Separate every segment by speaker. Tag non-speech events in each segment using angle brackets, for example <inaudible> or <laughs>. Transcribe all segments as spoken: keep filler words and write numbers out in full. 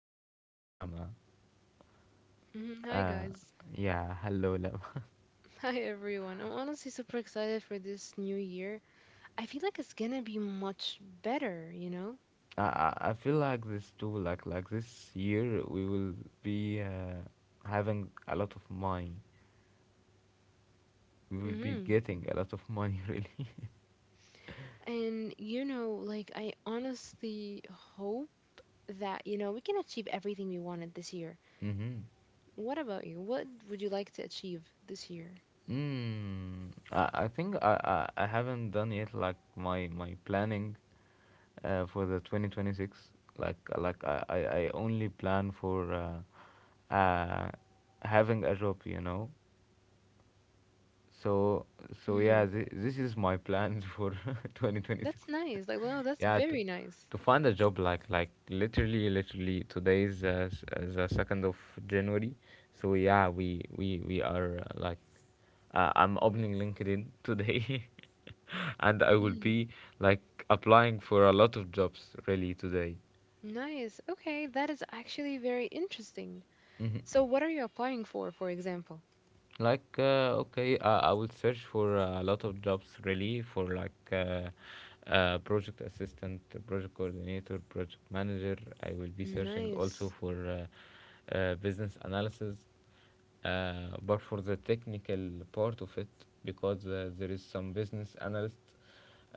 Speaker 1: me is Lama.
Speaker 2: mhm. Hi
Speaker 1: Uh,
Speaker 2: guys.
Speaker 1: yeah, hello Lama.
Speaker 2: <laughs> Hi everyone. I'm honestly super excited for this new year. I feel like it's gonna be much better, you know?
Speaker 1: <laughs> I I I feel like this too. Like like this year, we will be uh, having a lot of money. We will be
Speaker 2: Hmm.
Speaker 1: getting a lot of money, <laughs> really. <laughs>
Speaker 2: And you know, like I honestly hope that, you know, we can achieve everything we wanted this year.
Speaker 1: Mm-hmm.
Speaker 2: What about you? What would you like to achieve this year?
Speaker 1: Mm, I, I think I, I, I haven't done yet like my my planning uh, for the twenty twenty-six. Like like I, I, I only plan for uh, uh, having a job, you know, so so yeah,
Speaker 2: Hmm.
Speaker 1: this, this is my plans for <laughs> twenty twenty-six.
Speaker 2: That's nice. Like, wow, that's
Speaker 1: Yeah, to
Speaker 2: very nice.
Speaker 1: to find a job. Like like literally literally today is uh, s- uh, the second of January. So yeah, we we we are uh, like uh, I'm opening LinkedIn today, <laughs> and I will
Speaker 2: Hmm.
Speaker 1: be like applying for a lot of jobs really today.
Speaker 2: Nice. Okay, that is actually very interesting. So what are you applying for, for example?
Speaker 1: like uh, okay uh, I will search for uh, a lot of jobs really for like uh, uh, project assistant, project coordinator, project manager. I will be searching also
Speaker 2: Nice.
Speaker 1: for uh, uh, business analysis, uh, but for the technical part of it, because uh, there is some business analyst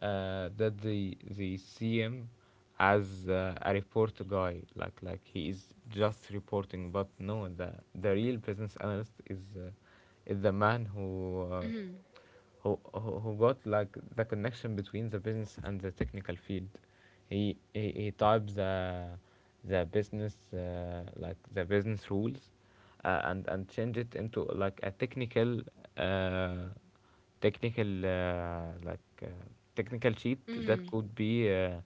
Speaker 1: uh, that they they see him as uh, a report guy. Like like he is just reporting. But no, the the real business analyst is uh, is the man who uh,
Speaker 2: Mm-hmm.
Speaker 1: who, who who got like the connection between the business and the technical field. He he, he types the the business uh, like the business rules, uh, and and change it into like a technical uh, technical uh, like uh, technical sheet that
Speaker 2: Mm-hmm.
Speaker 1: could be uh,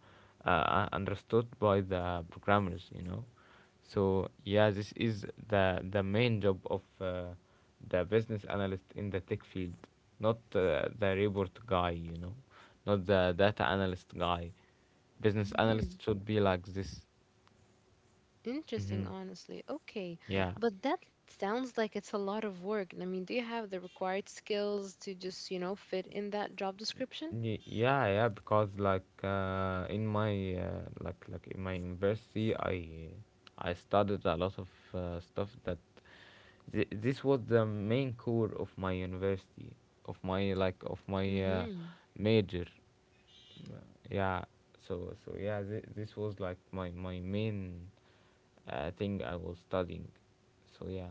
Speaker 1: uh, uh, understood by the programmers, you know. So yeah, this is the the main job of uh, the business analyst in the tech field, not uh, the report guy, you know, not the data analyst guy. Business
Speaker 2: Mm-hmm.
Speaker 1: analyst should be like this.
Speaker 2: Interesting,
Speaker 1: hmm
Speaker 2: honestly. Okay.
Speaker 1: yeah.
Speaker 2: But that sounds like it's a lot of work. I mean, do you have the required skills to just, you know, fit in that job description?
Speaker 1: Y- yeah yeah, because like uh, in my uh, like like in my university I I studied a lot of uh, stuff that th- this was the main core of my university, of my like of my uh,
Speaker 2: Mm-hmm.
Speaker 1: major. Yeah. So so yeah, th- this was like my my main uh, thing I was studying. So yeah.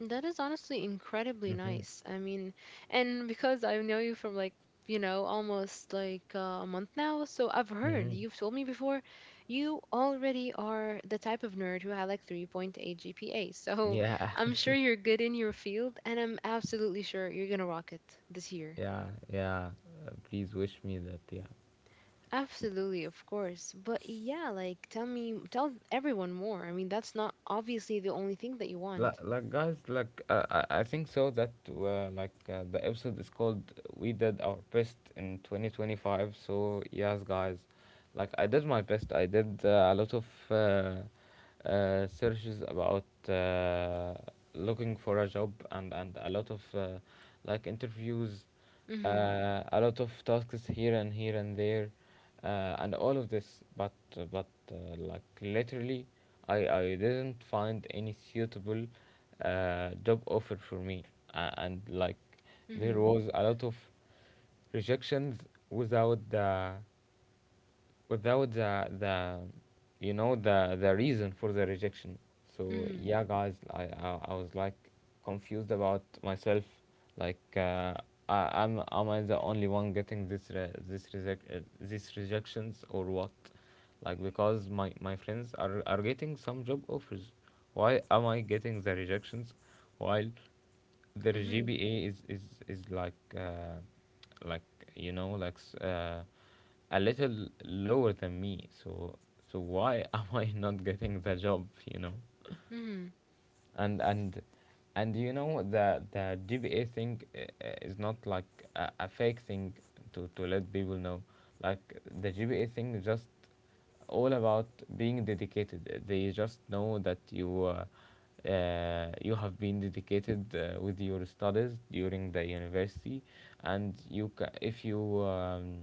Speaker 2: That is honestly incredibly
Speaker 1: Mm-hmm.
Speaker 2: nice. I mean, and because I know you from like, you know, almost like uh, a month now, so I've heard
Speaker 1: Mm-hmm.
Speaker 2: you've told me before you already are the type of nerd who had like three point eight G P A. So
Speaker 1: Yeah.
Speaker 2: <laughs> I'm sure you're good in your field, and I'm absolutely sure you're gonna rock it this
Speaker 1: <laughs>
Speaker 2: year.
Speaker 1: yeah yeah Uh, Please wish me that. Yeah.
Speaker 2: Absolutely, of course. But yeah, like tell me, tell everyone more. I mean, that's not obviously the only thing that you
Speaker 1: like,
Speaker 2: want.
Speaker 1: like guys like uh, I, I think so that uh, like uh, the episode is called "We Did Our Best in twenty twenty-five", so yes guys, like I did my best. I did uh, a lot of uh, uh, searches about uh, looking for a job, and and a lot of uh, like interviews,
Speaker 2: Mm-hmm.
Speaker 1: uh, a lot of tasks here and here and there, uh, and all of this. But but uh, like literally, I I didn't find any suitable uh, job offer for me, uh, and like there
Speaker 2: Mm-hmm.
Speaker 1: was a lot of rejections without the without the the you know, the the reason for the rejection. So
Speaker 2: Mm-hmm.
Speaker 1: yeah guys, i i, I was like confused about myself. Like uh, I, I'm Am I the only one getting this re- this reject uh, these rejections or what? Like because my my friends are are getting some job offers. Why am I getting the rejections, while their
Speaker 2: Mm-hmm.
Speaker 1: G P A is is is like uh, like you know like s- uh, a little lower than me. So so why <laughs> am I not getting the job? You know.
Speaker 2: Mm-hmm.
Speaker 1: And and and you know, the the G P A thing uh, uh, is not like a, a fake thing to to let people know. Like the G P A thing is just all about being dedicated. They just know that you uh, uh, you have been dedicated uh, with your studies during the university, and you ca- if you um,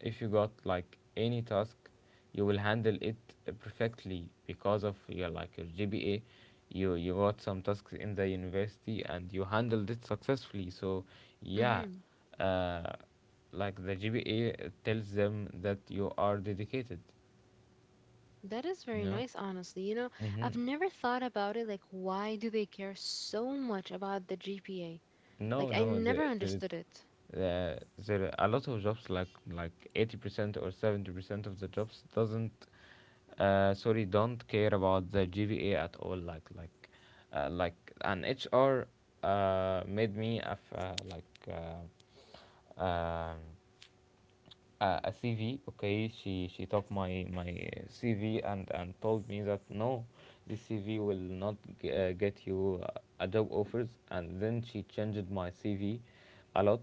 Speaker 1: if you got like any task, you will handle it perfectly because of your like your G P A. You you got some tasks in the university and you handled it successfully. So yeah,
Speaker 2: Mm-hmm.
Speaker 1: uh, like the G P A tells them that you are dedicated.
Speaker 2: That is very
Speaker 1: No.
Speaker 2: nice, honestly. You know,
Speaker 1: Mm-hmm.
Speaker 2: I've never thought about it. Like, why do they care so much about the G P A? Like,
Speaker 1: No,
Speaker 2: I
Speaker 1: no,
Speaker 2: never
Speaker 1: there, there is
Speaker 2: understood it.
Speaker 1: uh, there are a lot of jobs. Like like eighty percent or seventy percent of the jobs doesn't uh, sorry don't care about the G V A at all. Like like uh, like an H R uh, made me a f- uh, like uh, um, uh, a C V. Okay, she she took my my C V, and and told me that no, this C V will not g- uh, get you uh, a job offers. And then she changed my C V a lot,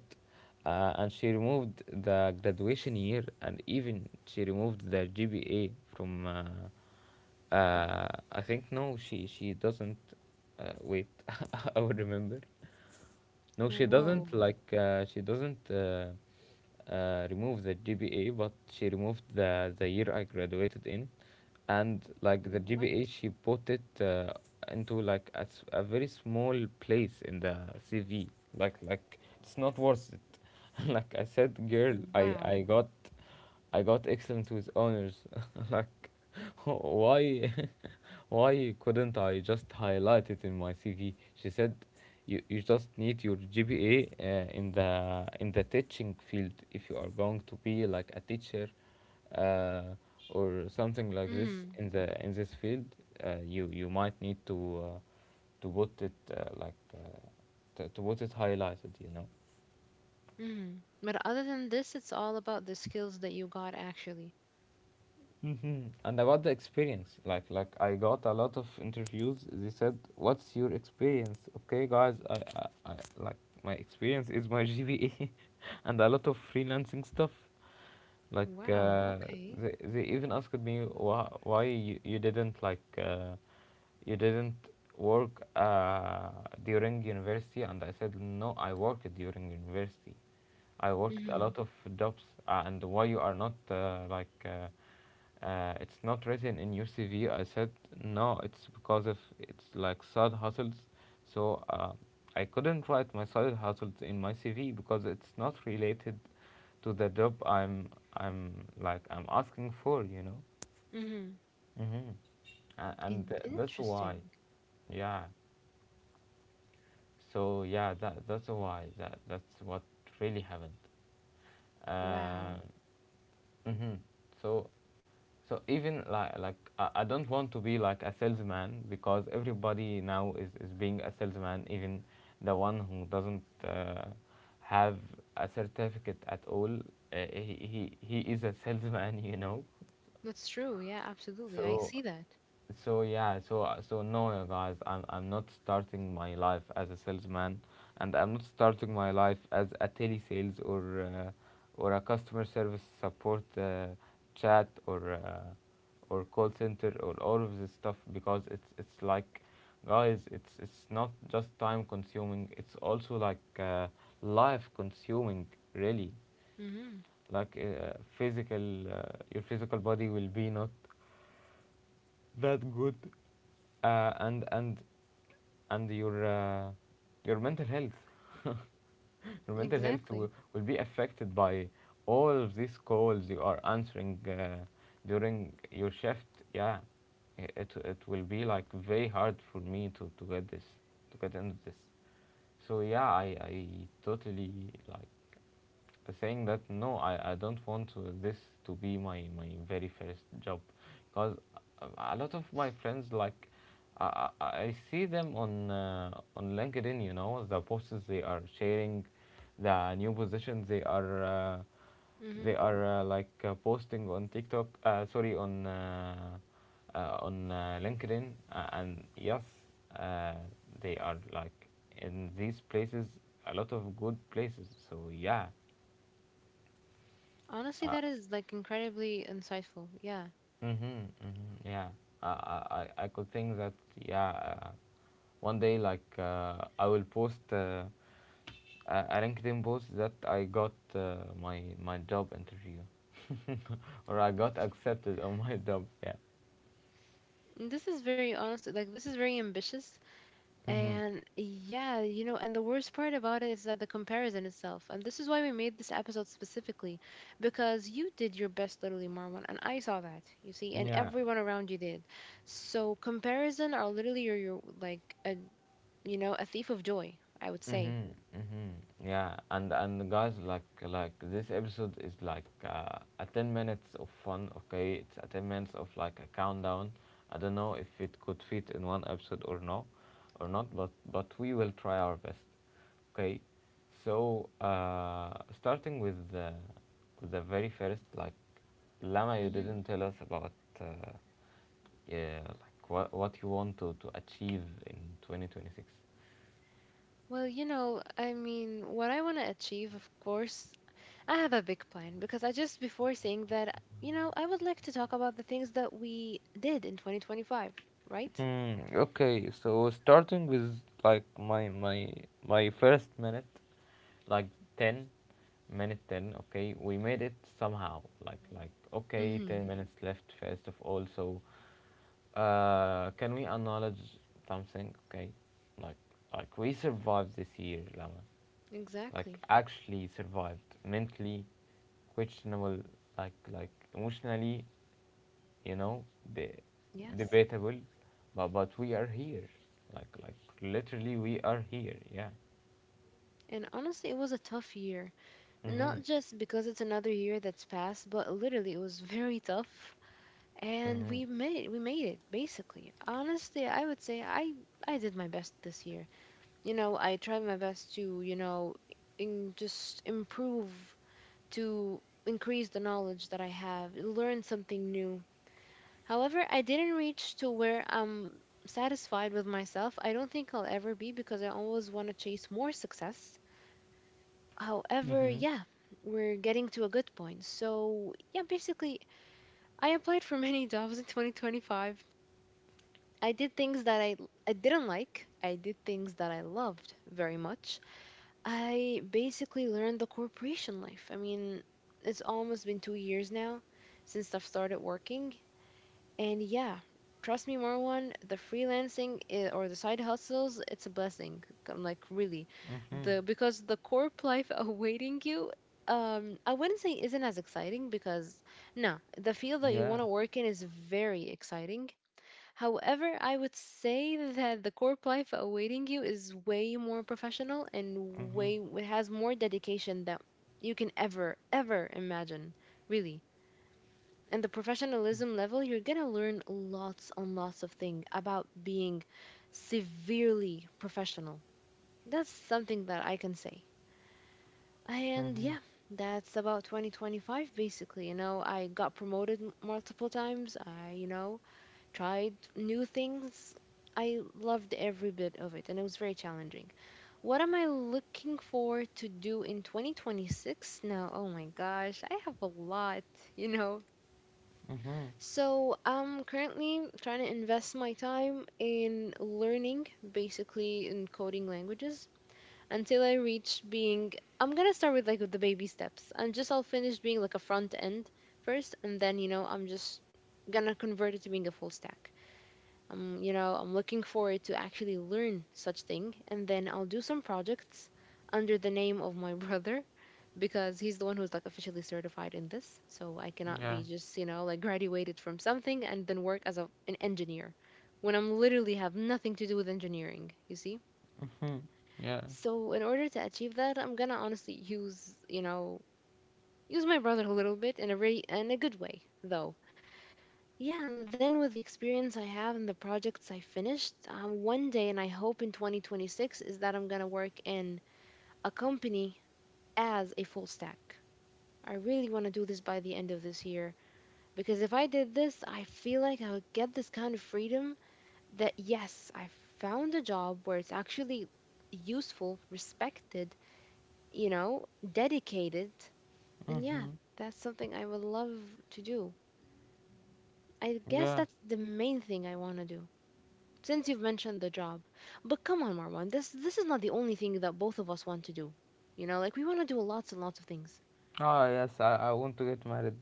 Speaker 1: uh, and she removed the graduation year, and even she removed the G P A from. Uh, uh, I think no, she she doesn't. Uh, wait, <laughs> I will remember. No, she
Speaker 2: Whoa.
Speaker 1: doesn't like uh, she doesn't uh, uh, remove the G P A, but she removed the the year I graduated in, and like the
Speaker 2: What?
Speaker 1: G P A, she put it uh, into like a, s- a very small place in the C V. Like like it's not worth it. <laughs> Like I said, girl, I
Speaker 2: Wow.
Speaker 1: I got I got excellent with honors. <laughs> Like, <laughs> why, <laughs> why couldn't I just highlight it in my C V? She said, you, you just need your G P A uh, in the in the teaching field if you are going to be like a teacher, uh, or something like this
Speaker 2: Mm,
Speaker 1: in the in this field. Uh, you you might need to uh, to put it uh, like uh, to, to put it highlighted. You know.
Speaker 2: mm. But other than this, it's all about the skills that you got actually.
Speaker 1: hmm And about the experience, like like I got a lot of interviews. They said, "What's your experience?" Okay, guys, I, I, I like my experience is my G P A, <laughs> and a lot of freelancing stuff. Like
Speaker 2: Wow.
Speaker 1: uh,
Speaker 2: Okay.
Speaker 1: they they even asked me, why why you, you didn't like uh, you didn't work uh, during university. And I said no, I worked during university. I worked a
Speaker 2: Mm-hmm.
Speaker 1: lot of jobs, uh, and why you are not uh, like uh, uh, it's not written in your C V. I said no, it's because of it's like side hustles. So uh, I couldn't write my side hustles in my C V because it's not related to the job I'm I'm like I'm asking for. You know.
Speaker 2: Mm-hmm.
Speaker 1: Mm-hmm. Uh, and
Speaker 2: In-
Speaker 1: th- that's why,
Speaker 2: interesting.
Speaker 1: yeah. So yeah, that that's why, that that's what really happened. Uh,
Speaker 2: Wow.
Speaker 1: Mm-hmm. So, so even like like I, I don't want to be like a salesman, because everybody now is, is being a salesman, even the one who doesn't uh, have a certificate at all. Uh, he, he he is a salesman, <laughs> you know.
Speaker 2: That's true. Yeah, absolutely. I
Speaker 1: So
Speaker 2: see that.
Speaker 1: so yeah, so uh, so no, uh, guys, i'm I'm not starting my life as a salesman, and I'm not starting my life as a telesales, or uh, or a customer service support uh, chat, or uh, or call center, or all of this stuff, because it's it's like, guys, it's it's not just time consuming, it's also like uh, life consuming, really.
Speaker 2: Mm-hmm.
Speaker 1: Like uh, physical uh, your physical body will be not that good, uh, and and and your uh, your mental health, <laughs> your mental health
Speaker 2: Exactly.
Speaker 1: will, will be affected by all of these calls you are answering uh, during your shift. Yeah. I- it it will be like very hard for me to, to get this, to get into this. So yeah, i i totally like saying that no, I I don't want to, this to be my, my very first job, because a lot of my friends, like I, I see them on uh, on LinkedIn, you know, the posts they are sharing, the new positions they are uh,
Speaker 2: Mm-hmm.
Speaker 1: they are uh, like uh, posting on TikTok uh, sorry on uh, uh, on uh, LinkedIn, uh, and yes, uh, they are like in these places, a lot of good places. So yeah.
Speaker 2: Honestly,
Speaker 1: uh,
Speaker 2: that is like incredibly insightful. Yeah.
Speaker 1: mm-hmm, mm-hmm, yeah. I, I, I I could think that, yeah, uh, one day, like, uh, I will post uh, a, a LinkedIn post that I got uh, my my job interview, <laughs> or I got accepted on my job. Yeah.
Speaker 2: Mm. This is very honest, like this is very ambitious.
Speaker 1: Mm-hmm,
Speaker 2: And yeah, you know, and the worst part about it is that the comparison itself. And this is why we made this episode specifically, because you did your best, literally, Marwan, and I saw that, you see, and
Speaker 1: Yeah.
Speaker 2: everyone around you did. So comparison are literally your, your like a, you know, a thief of joy, I would say.
Speaker 1: Mm-hmm, mm-hmm. Yeah, and and guys, like like this episode is like uh, a ten minutes of fun. Okay, it's a ten minutes of like a countdown. I don't know if it could fit in one episode or no, or not. But but we will try our best. Okay, so uh, starting with the with the very first, like, Lama, you
Speaker 2: Hmm.
Speaker 1: didn't tell us about uh, yeah, like what what you want to to achieve in twenty twenty six.
Speaker 2: Well, you know, I mean, what I want to achieve, of course, I have a big plan because I just before saying that, you know, I would like to talk about the things that we did in twenty twenty-five, right?
Speaker 1: Hmm, okay, so starting with like my my my first minute, like ten minute ten, okay, we made it somehow. Like like okay,
Speaker 2: Mm-hmm.
Speaker 1: ten minutes left first of all. So, uh can we acknowledge something, okay? Like like we survived this year, Lama. Like
Speaker 2: Exactly.
Speaker 1: actually survived mentally, questionable, like like emotionally, you know the
Speaker 2: Yes.
Speaker 1: debatable, but but we are here, like like literally we are here. Yeah.
Speaker 2: And honestly, it was a tough year.
Speaker 1: Mhm.
Speaker 2: Not just because it's another year that's passed, but literally it was <laughs> very tough. And
Speaker 1: Mhm.
Speaker 2: we made it. We made it, basically. Honestly, I would say I I did my best this year. You know, I tried my best to, you know, in just improve to increase the knowledge that I have, learn something new. However, I didn't reach to where I'm satisfied with myself. I don't think I'll ever be because I always want to chase more success. However,
Speaker 1: Mm-hmm.
Speaker 2: yeah, we're getting to a good point. So, yeah, basically, I applied for many <laughs> jobs in twenty twenty-five. I did things that I I didn't like. I did things that I loved very much. I basically learned the corporation life. I mean, it's almost been two years now since I've started working. And yeah, trust me, Marwan, the freelancing i- or the side hustles, it's a blessing. I'm like, really.
Speaker 1: Mhm.
Speaker 2: The because the corp life <laughs> awaiting you, um, I wouldn't say isn't as exciting because no, the field that you
Speaker 1: Yeah.
Speaker 2: want to work in is very exciting. However, I would say that the corp life awaiting you is way more professional and
Speaker 1: Mhm.
Speaker 2: way it has more dedication that you can ever, ever imagine, really. And the professionalism level, you're gonna learn lots and lots of things about being severely professional. That's something that I can say. And
Speaker 1: Mhm.
Speaker 2: yeah, that's about twenty twenty-five basically. You know, I got promoted m- multiple times. I, you know, tried new things. I loved every bit of it, and it was very challenging. What am I looking for to do in twenty twenty-six? Now, oh my gosh, I have a lot, you know.
Speaker 1: Mhm.
Speaker 2: So I'm currently trying to invest my time in learning, basically in coding languages, until I reach being. I'm gonna start with like with the baby steps. I'm just I'll finish being like a front end first, and then you know I'm just gonna convert it to being a full stack um, you know, I'm looking forward to actually learn such thing, and then I'll do some projects under the name of my <laughs> brother because he's the one who's like officially certified in this. So I cannot
Speaker 1: Yeah,
Speaker 2: be just you know like graduated from something and then work as a, an engineer when I'm literally have nothing to do with engineering. You see.
Speaker 1: yeah,
Speaker 2: So in order to achieve that, I'm gonna honestly use you know use my brother a little bit in a very in a good way though. Yeah, and then with the experience I have and the projects I finished, um, one day, and I hope in twenty twenty-six, is that I'm gonna work in a company as a full stack. I really want to do this by the end of this year because if I did this, I feel like I would get this kind of freedom that yes, I found a job where it's actually useful, respected, you know, dedicated. And yeah, that's something I would love to do. I guess
Speaker 1: yeah.
Speaker 2: that's the main thing I want to do. Since you've mentioned the job, but come on, Marwan, this this is not the only thing that both of us want to do. You know, like we want to do lots and lots of things.
Speaker 1: Ah yes, i, I want to get married.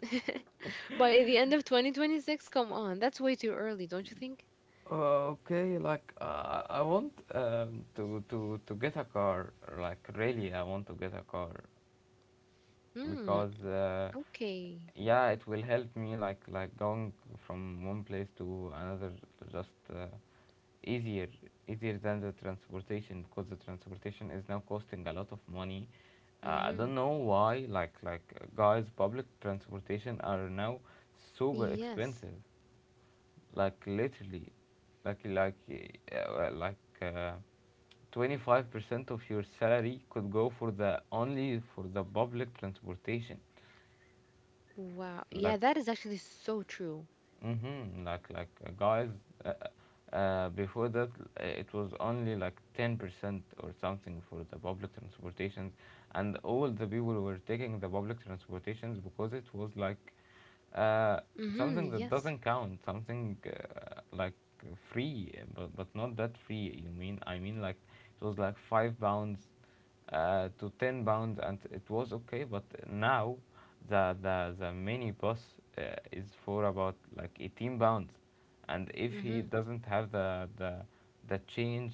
Speaker 2: <laughs> By the end of twenty twenty-six, come on, that's way too early, don't you think?
Speaker 1: Uh, okay, like uh, I want, um, to to to get a car. Like really, I want to get a car.
Speaker 2: Hmm.
Speaker 1: Because uh,
Speaker 2: Okay.
Speaker 1: Yeah, it will help me, like like going from one place to another, to just, uh, easier, easier than the transportation, because the transportation is now costing a lot of money. Uh, I
Speaker 2: Mm-hmm.
Speaker 1: don't know why, like like uh, guys, public transportation are now super
Speaker 2: Yes.
Speaker 1: expensive, like literally, like like uh, well, like uh, twenty-five percent of your salary could go for the only, for the public transportation.
Speaker 2: Wow. Yeah,
Speaker 1: Like.
Speaker 2: that is actually so true.
Speaker 1: Mm-hmm. Like like uh, guys, uh, uh, uh, before that, uh, it was only like ten percent or something for the public transportations, and all the people were taking the public transportations because it was like, uh,
Speaker 2: Mm-hmm.
Speaker 1: something
Speaker 2: Yes.
Speaker 1: that doesn't count, something, uh, like free, but but not that free. You mean, I mean, like it was like five pounds, uh, to ten pounds, and it was okay, but now the the, the mini bus, uh, is for about like eighteen pounds, and if he
Speaker 2: Mm-hmm.
Speaker 1: doesn't have the the, the change,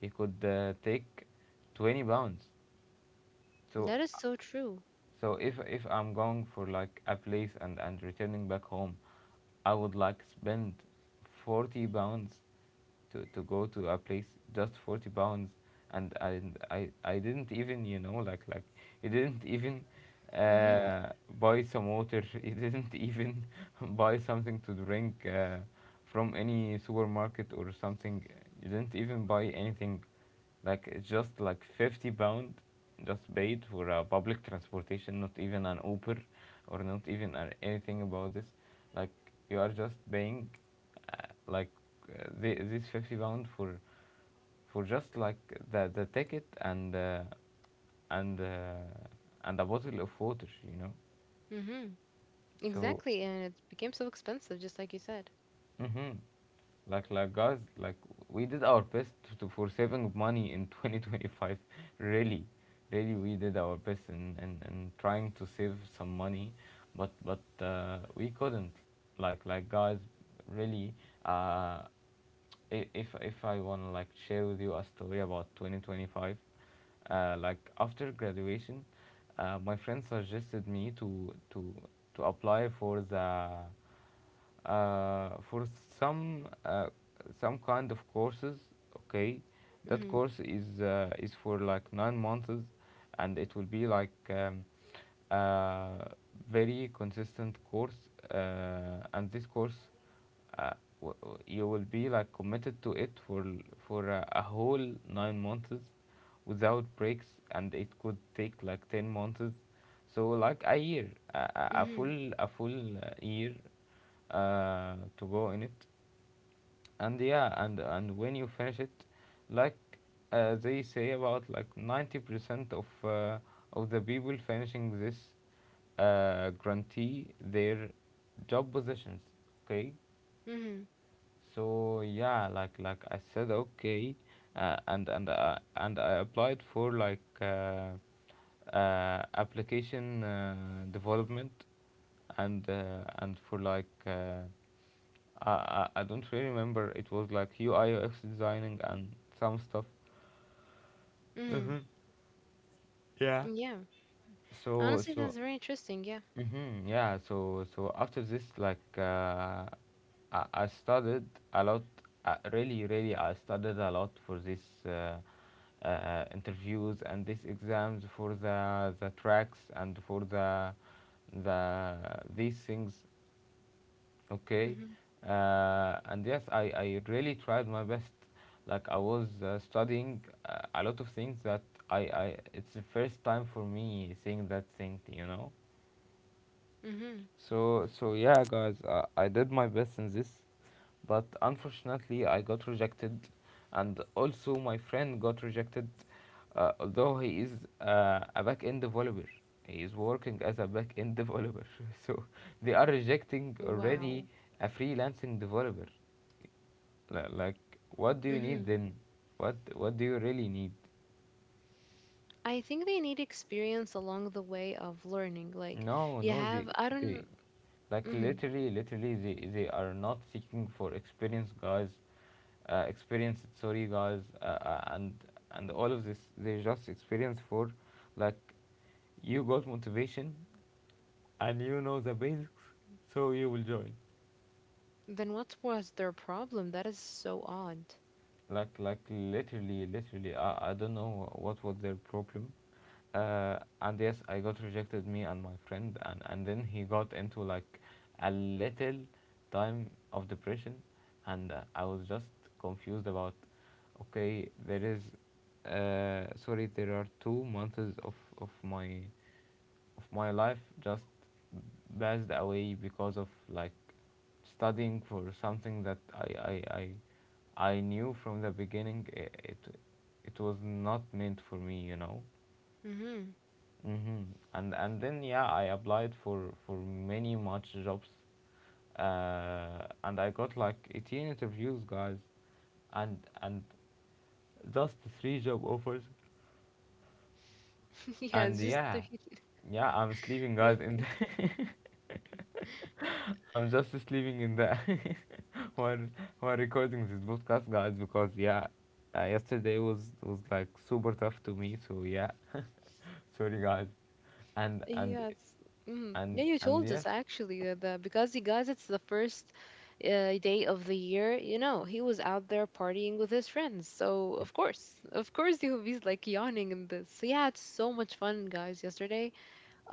Speaker 1: he could, uh, take twenty pounds. So,
Speaker 2: That is so true.
Speaker 1: so if if I'm going for like a place and and returning back home, I would like spend forty pounds to, to go to a place. Just forty pounds. And I, I I didn't even, you know like like you didn't even,
Speaker 2: Mm-hmm.
Speaker 1: uh, buy some water. <laughs> You didn't even <laughs> buy something to drink, uh, from any supermarket or something. You didn't even buy anything. Like it's just like fifty pound, just paid for a public transportation, not even an uber, or not even a- anything about this. Like you are just paying, uh, like uh, the, this fifty pound for for just like the the ticket and, uh, and uh, and a bottle of water, you know.
Speaker 2: Mm-hmm.
Speaker 1: So.
Speaker 2: Exactly, and it became so expensive, just like you said.
Speaker 1: Mm-hmm. Like, like guys, like we did our best to, for saving money in twenty twenty-five. <laughs> Really, really, we did our best in, in, in trying to save some money, but but uh, we couldn't. Like, like guys, really. Uh, i- if if I wanna like share with you a story about twenty twenty-five, uh, like after graduation, uh, my friend suggested me to to to apply for the, uh, for some, uh, some kind of courses, okay? That
Speaker 2: Mm-hmm.
Speaker 1: course is, uh, is for like nine months, and it will be like, um, uh, very consistent course, uh, and this course, uh, w- w- you will be like committed to it for l- for uh, a whole nine months without breaks, and it could take like ten months, so like a year, a, a a
Speaker 2: Mm-hmm.
Speaker 1: full, a full uh, year, uh, to go in it. And yeah, and and when you finish it, like, uh, they say about like ninety percent of, uh, of the people finishing this, uh, grantee their job positions, okay?
Speaker 2: Mm-hmm.
Speaker 1: So yeah, like like I said, okay, uh, and and uh, and I applied for like, uh, uh, application, uh, development, and, uh, and for like uh, I I I don't really remember. It was like U I U X designing and some stuff.
Speaker 2: Mm-hmm.
Speaker 1: Uh-huh. Yeah.
Speaker 2: Yeah.
Speaker 1: So
Speaker 2: Honestly,
Speaker 1: so.
Speaker 2: that's very interesting. Yeah.
Speaker 1: Mm-hmm. Yeah. So so after this, like, uh, I, I studied a lot. Uh, really, really, I studied a lot for this uh, uh, interviews and these exams for the the tracks and for the the these things. Okay.
Speaker 2: Mhm.
Speaker 1: Uh, and yes, I I really tried my best. Like I was, uh, studying, uh, a lot of things that I I it's the first time for me seeing that thing, you know.
Speaker 2: Mhm.
Speaker 1: So so yeah, guys, uh, I did my best in this, but unfortunately I got rejected, and also my friend got rejected, uh, although he is, uh, a back end developer. He is working as a back end developer, <laughs> so they are rejecting already
Speaker 2: Wow.
Speaker 1: a freelancing developer. Li- Like, what do you need
Speaker 2: Mhm.
Speaker 1: then? What what do you really need?
Speaker 2: I think they need experience along the way of learning. Like
Speaker 1: No,
Speaker 2: you
Speaker 1: no, they,
Speaker 2: have, I
Speaker 1: they
Speaker 2: don't.
Speaker 1: like
Speaker 2: Mm,
Speaker 1: literally, literally, they, they are not seeking for experience, guys. Uh, experience, sorry, guys, uh, uh, and and all of this, they just experience for, like, you got motivation, and you know the basics, so you will join.
Speaker 2: then what was their problem? That is so odd.
Speaker 1: Like like literally, literally I, I don't know what was their problem, uh, and yes, I got rejected, me and my friend, and, and then he got into like a little time of depression, and, uh, I was just confused about, okay, there is, uh, sorry there are two months of, of my, of my life, just passed away, because of like studying for something that I I, I, I knew from the beginning it it it was not meant for me, you know.
Speaker 2: Mhm.
Speaker 1: Hmm. And, and then yeah, I applied for, for many much jobs, uh, and I got like eighteen interviews, guys, and, and just three job offers.
Speaker 2: <laughs> Yeah,
Speaker 1: And
Speaker 2: it's just the,
Speaker 1: yeah,
Speaker 2: <laughs>
Speaker 1: yeah, I'm sleeping, guys, in the.
Speaker 2: okay.
Speaker 1: I'm just sleeping in the, <laughs> while, while recording this podcast, guys, because yeah, uh, yesterday was, was like super tough to me. So yeah, sorry guys, and, and
Speaker 2: Yes. Mm.
Speaker 1: and
Speaker 2: Yeah, you
Speaker 1: and
Speaker 2: told us
Speaker 1: yes.
Speaker 2: actually that, that because you guys, it's the first uh, day of the year. You know, he was out there partying with his friends. So of course, of course, he would be like yawning in this. So yeah, it's so much fun, guys. Yesterday,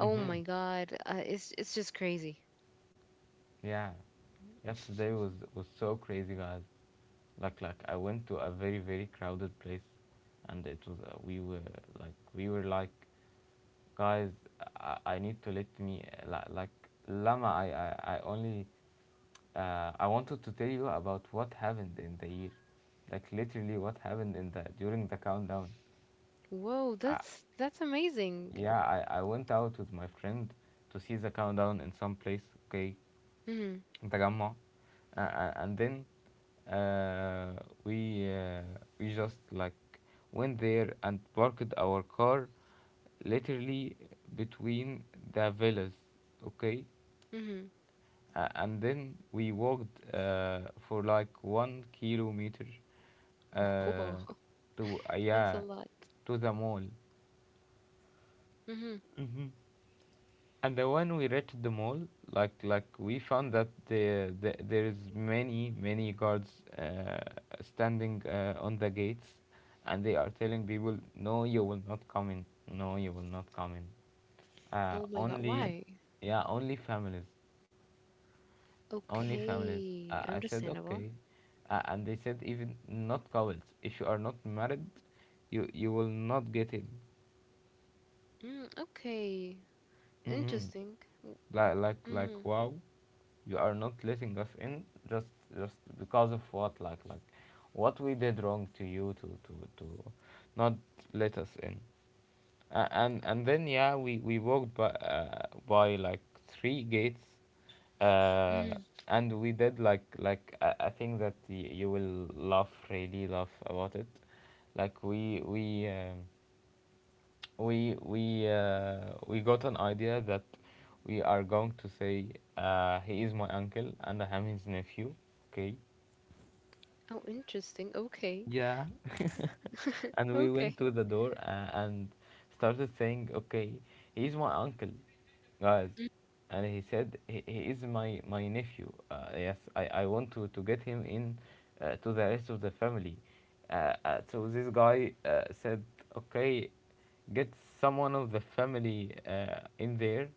Speaker 2: oh my God, uh, it's it's just crazy.
Speaker 1: Yeah, yesterday was, was so crazy, guys. Like like I went to a very, very crowded place, and it was, uh, we were, like we were like guys, I, I need to. Let me, uh, li- like Lama, I I I only, uh, I wanted to tell you about what happened in the year, like literally what happened in the during the countdown.
Speaker 2: Whoa, that's that's amazing.
Speaker 1: Yeah, I, I went out with my friend to see the countdown in some place, okay,
Speaker 2: Mhm,
Speaker 1: in Tagamma, uh, uh, and then, uh, we uh, we just like went there and parked our car, literally between the villas, okay.
Speaker 2: mhm.
Speaker 1: Uh, and then we walked, uh, for like one kilometer,
Speaker 2: Whoa,
Speaker 1: uh, to, uh,
Speaker 2: <laughs> that's a
Speaker 1: yeah
Speaker 2: lot.
Speaker 1: to the mall.
Speaker 2: Mhm.
Speaker 1: Mm-hmm. And then when we reached the mall, like like we found that the, the there is many, many guards, uh, standing, uh, on the gates, and they are telling people, no, you will not come in, no, you will not come in, uh,
Speaker 2: Oh my God,
Speaker 1: only,
Speaker 2: why?
Speaker 1: yeah, only families. Only families.
Speaker 2: Okay,
Speaker 1: Uh, I said
Speaker 2: understandable.
Speaker 1: okay, uh, and they said even not couples. If you are not married, you you will not get in.
Speaker 2: Mm, okay,
Speaker 1: Hmm.
Speaker 2: interesting.
Speaker 1: Like like like
Speaker 2: Mm-hmm.
Speaker 1: wow, you are not letting us in, just, just because of what, like like what we did wrong to you, to to to not let us in. Uh, and, and then yeah, we, we walked by, uh, by like three gates, uh
Speaker 2: Mm.
Speaker 1: and we did, like like i, I think that y- you will laugh, really laugh about it. Like we we um, we we uh, we got an idea that we are going to say, uh, he is my uncle and I am his nephew, okay?
Speaker 2: Oh, interesting. Okay.
Speaker 1: Yeah. <laughs>
Speaker 2: <laughs>
Speaker 1: And we
Speaker 2: Okay.
Speaker 1: went to the door, uh, and started saying, okay, he's my uncle, guys.
Speaker 2: Mm.
Speaker 1: And he said, he, he is my, my nephew. Uh, yes, I, I want to, to get him in, uh, to the rest of the family. Uh, uh, so this guy, uh, said, okay, get someone of the family, uh, in there,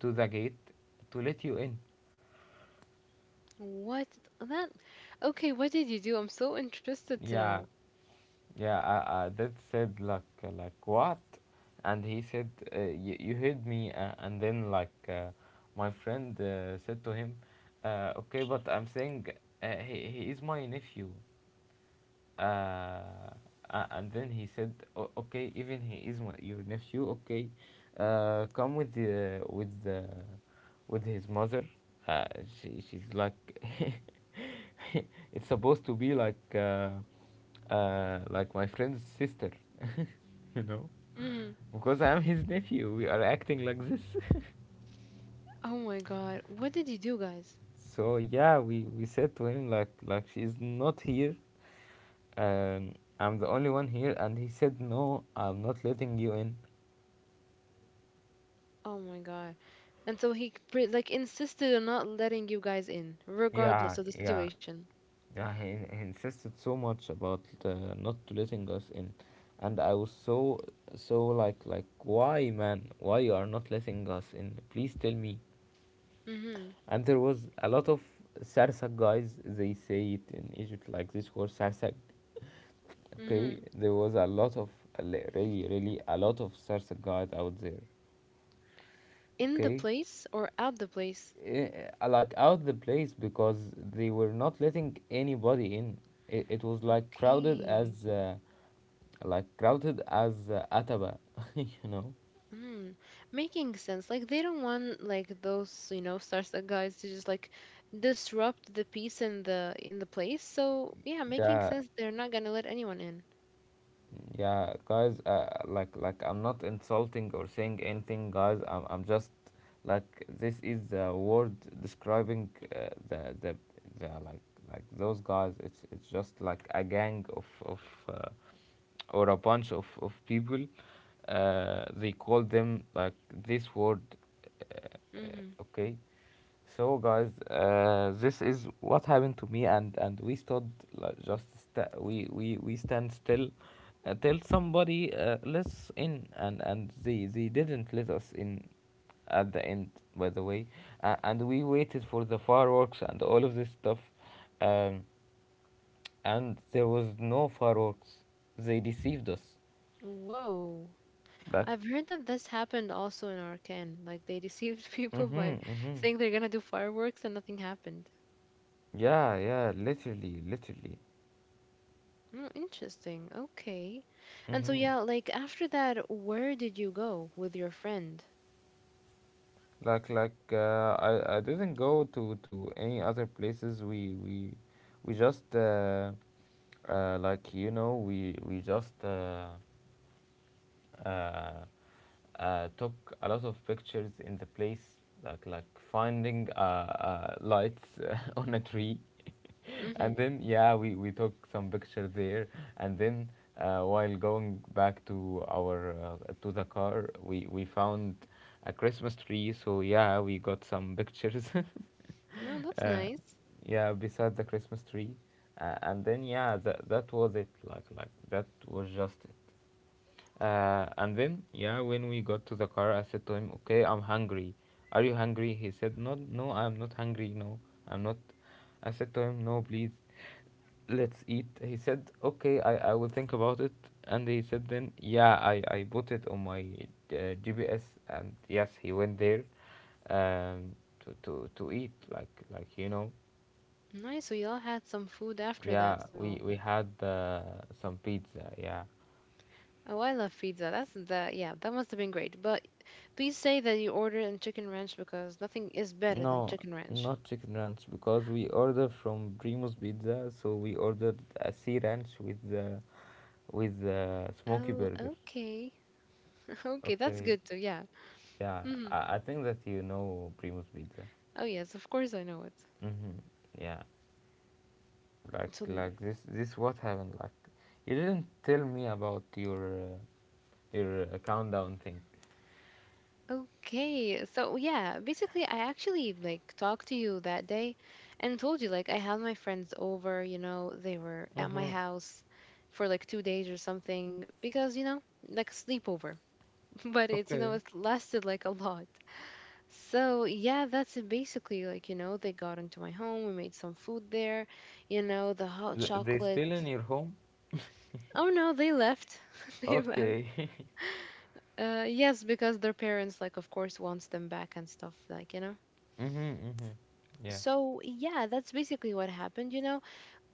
Speaker 1: to the gate, to let you in.
Speaker 2: What that? Okay, what did you do? I'm so interested to
Speaker 1: Yeah.
Speaker 2: know.
Speaker 1: Yeah, I, I did said, like, uh, like what, and he said, uh, y- you heard me, uh, and then like, uh, my friend, uh, said to him, uh, okay, but I'm saying, uh, he he is my nephew, uh, a- and then he said, o- okay, even he is my, your nephew, okay, uh, come with the with the with his mother, uh, she, she's like, <laughs> it's supposed to be like. Uh, uh, like my friend's sister, <laughs> you know,
Speaker 2: Mm.
Speaker 1: because I'm his nephew. We are acting like this.
Speaker 2: Oh my God. What did you do, guys?
Speaker 1: <laughs> So yeah, we, we said to him, like like she's not here. Um, I'm the only one here, and he said no, I'm not letting you in.
Speaker 2: Oh my God. And so he pre- like insisted on not letting you guys in,
Speaker 1: Yeah,
Speaker 2: regardless of the
Speaker 1: yeah,
Speaker 2: situation.
Speaker 1: yeah. He, he insisted so much about, uh, not letting us in, and I was so, so like, like why, man, why you are not letting us in? Please tell me.
Speaker 2: Mm-hmm.
Speaker 1: And there was a lot of Sarsak guys, they say it in Egypt, like this word Sarsak. <laughs> Okay,
Speaker 2: Mm-hmm.
Speaker 1: there was a lot of, really, really, a lot of Sarsak guys out there.
Speaker 2: In the
Speaker 1: Okay.
Speaker 2: place or out the place?
Speaker 1: Eh, eh, like out the place, because they were not letting anybody in. It, it was like crowded
Speaker 2: Okay.
Speaker 1: as, uh, like crowded as, uh, Ataba, <laughs> you know.
Speaker 2: Mm, making sense. Like they don't want like those, you know, Startup guys to just like disrupt the peace in the in the place. So yeah, making
Speaker 1: Yeah,
Speaker 2: sense. They're not gonna let anyone in.
Speaker 1: Yeah, guys, uh, like like I'm not insulting or saying anything, guys. I'm I'm just like this is the word describing uh, the the the like like those guys. It's it's just like a gang of of uh, or a bunch of of people. Uh, they call them like this word. Uh,
Speaker 2: Mm-hmm.
Speaker 1: uh, okay. So, guys, uh, this is what happened to me, and and we stood like, just sta- we we we stand still until somebody uh, lets in, and and they they didn't let us in at the end, by the way, uh, and we waited for the fireworks and all of this stuff, um, and there was no fireworks. They deceived us.
Speaker 2: Whoa.
Speaker 1: Like,
Speaker 2: I've heard that this happened also in Arcane. Like they deceived <laughs> people
Speaker 1: mm-hmm,
Speaker 2: by
Speaker 1: mm-hmm.
Speaker 2: saying they're gonna do fireworks and nothing happened.
Speaker 1: Yeah, yeah, literally, literally.
Speaker 2: Mm, interesting. Okay. And so
Speaker 1: Mm-hmm.
Speaker 2: yeah, like after that, where did you go with your friend?
Speaker 1: like like uh, I I didn't go to to any other places. We we we just uh, uh, like you know we we just. Uh, uh, uh, took a lot of pictures in the place, like like finding uh, uh, lights uh, <laughs> on a tree, <laughs>
Speaker 2: Mm-hmm.
Speaker 1: and then yeah, we we took some pictures there, and then uh, while going back to our uh, to the car, we we found a Christmas tree. So yeah, we got some pictures.
Speaker 2: No,
Speaker 1: <laughs>
Speaker 2: that's
Speaker 1: uh,
Speaker 2: nice.
Speaker 1: yeah, beside the Christmas tree, uh, and then yeah, that that was it. Like like that was just it. Uh, and then, yeah, when we got to the car, I said to him, "Okay, I'm hungry. Are you hungry?" He said, "No, no, I'm not hungry. No, I'm not." I said to him, "No, please, let's eat." He said, "Okay, I, I will think about it." And he said, "Then, yeah, I I put it on my uh, G P S, and yes, he went there, um, to to to eat like like you know,
Speaker 2: Nice. We all had some food after that,
Speaker 1: yeah, we
Speaker 2: so.
Speaker 1: we had uh, some pizza, yeah.
Speaker 2: Oh, I love pizza. That's that. Yeah, that must have been great. But please say that you ordered in chicken ranch because nothing is better than
Speaker 1: No,
Speaker 2: chicken ranch.
Speaker 1: not chicken ranch because we order from Primo's Pizza, so we ordered a sea ranch with the with the smoky
Speaker 2: Oh,
Speaker 1: burger.
Speaker 2: okay. <laughs> Okay, that's
Speaker 1: Okay,
Speaker 2: good too. Yeah.
Speaker 1: yeah,
Speaker 2: Hmm.
Speaker 1: I, I think that you know Primo's Pizza.
Speaker 2: Oh, yes, of course I know it.
Speaker 1: Mm-hmm. Yeah, like
Speaker 2: So, n-
Speaker 1: like this this what happened? Like you didn't tell me about your uh, your uh, countdown thing.
Speaker 2: okay. So, yeah, basically, I actually like talked to you that day and told you like I had my friends over, you know, they were at my
Speaker 1: Mm-hmm.
Speaker 2: house for like two days or something because, you know, like sleepover. But it's you know
Speaker 1: Okay.
Speaker 2: it lasted like a lot. So yeah, that's it basically, like you know they got into my home. We made some food there, you know, the hot
Speaker 1: Th- they
Speaker 2: chocolate.
Speaker 1: still in your home?
Speaker 2: Oh no, they left. <laughs> They left.
Speaker 1: Okay. <laughs>
Speaker 2: uh yes, because their parents, like, of course wants them back and stuff like you know
Speaker 1: mm-hmm, mm-hmm.
Speaker 2: So yeah, that's basically what happened you know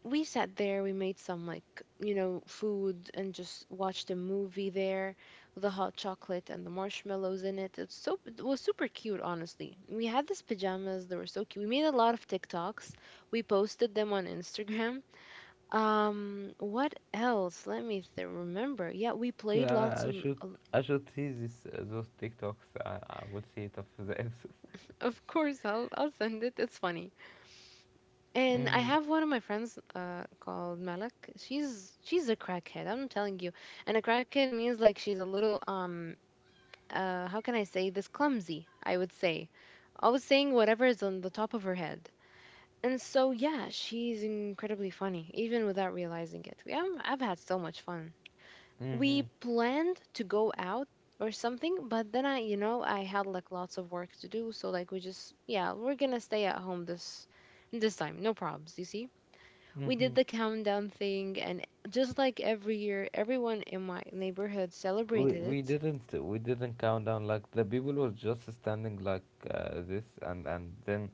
Speaker 2: We sat there, we made some like you know food and just watched a movie there with the hot chocolate and the marshmallows in it, it's so it was super cute, honestly. We had these pajamas, they were so cute, we made a lot of tiktoks, we posted them on instagram. <laughs> Um what else, let me th- remember. Yeah, we
Speaker 1: Okay,
Speaker 2: played lots
Speaker 1: I, I
Speaker 2: and
Speaker 1: should I should see this uh, those TikToks. I, I will see it after the episode. <laughs>
Speaker 2: of course I'll, I'll send it, it's funny. And I
Speaker 1: Mm-hmm.
Speaker 2: have one of my friends uh, called Malak. She's she's a crackhead. I'm telling you. And a crackhead means like she's a little um uh how can I say this, clumsy, I would say. Always saying whatever is on the top of her head. And so yeah, she's incredibly funny even without realizing it. We have, I've had so much fun.
Speaker 1: Mm-hmm.
Speaker 2: We planned to go out or something, but then I, you know, I had like lots of work to do, so like we just yeah, we're gonna stay at home this this time. No probs, you see? We
Speaker 1: Mm-hmm.
Speaker 2: did the countdown thing, and just like every year, everyone in my neighborhood
Speaker 1: We
Speaker 2: celebrated
Speaker 1: we
Speaker 2: it.
Speaker 1: didn't we didn't count down. Like, the people were just standing like uh, this, and and then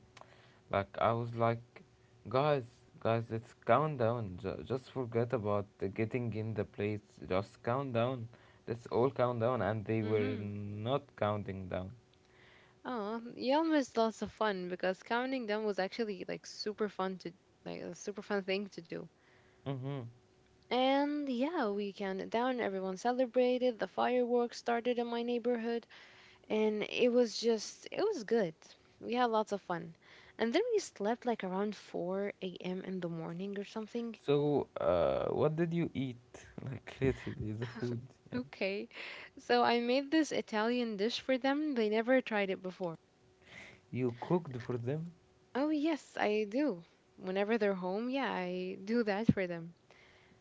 Speaker 1: like I was like, guys guys let's count down. Ju- just forget about the getting in the place. Just count down. Let's all count down. And they were
Speaker 2: Mm-hmm.
Speaker 1: not counting down.
Speaker 2: Oh, y'all missed lots of fun because counting down was actually like super fun to like a super fun thing to do.
Speaker 1: Mm-hmm.
Speaker 2: And yeah, we counted down. Everyone celebrated. The fireworks started in my neighborhood, and it was just it was good. We had lots of fun, and then we slept like around four a m in the morning or something.
Speaker 1: So, uh, what did you eat? <laughs> Like, literally, the food. Yeah.
Speaker 2: Okay. So I made this Italian dish for them. They never tried it before.
Speaker 1: You cooked for them?
Speaker 2: Oh, yes, I do. Whenever they're home, yeah, I do that for them.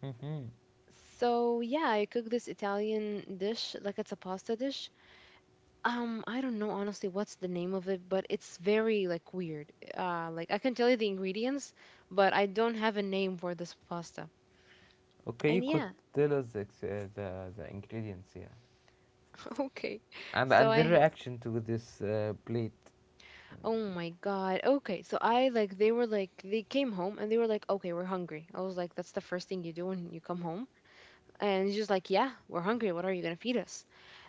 Speaker 1: Mm-hmm.
Speaker 2: So, yeah, I cook this Italian dish, like it's a pasta dish. Um, I don't know honestly what's the name of it, but it's very like weird. Uh, like I can tell you the ingredients, but I don't have a name for this pasta.
Speaker 1: Okay,
Speaker 2: And
Speaker 1: you
Speaker 2: yeah,
Speaker 1: could tell us the, ex- uh, the, the ingredients, yeah.
Speaker 2: <laughs> okay.
Speaker 1: And,
Speaker 2: So
Speaker 1: and the
Speaker 2: I
Speaker 1: reaction to this uh, plate.
Speaker 2: Oh my God. Okay. So I like, they were like, they came home and they were like, okay, we're hungry. I was like, that's the first thing you do when you come home. And he's just like, yeah, we're hungry. What are you going to feed us?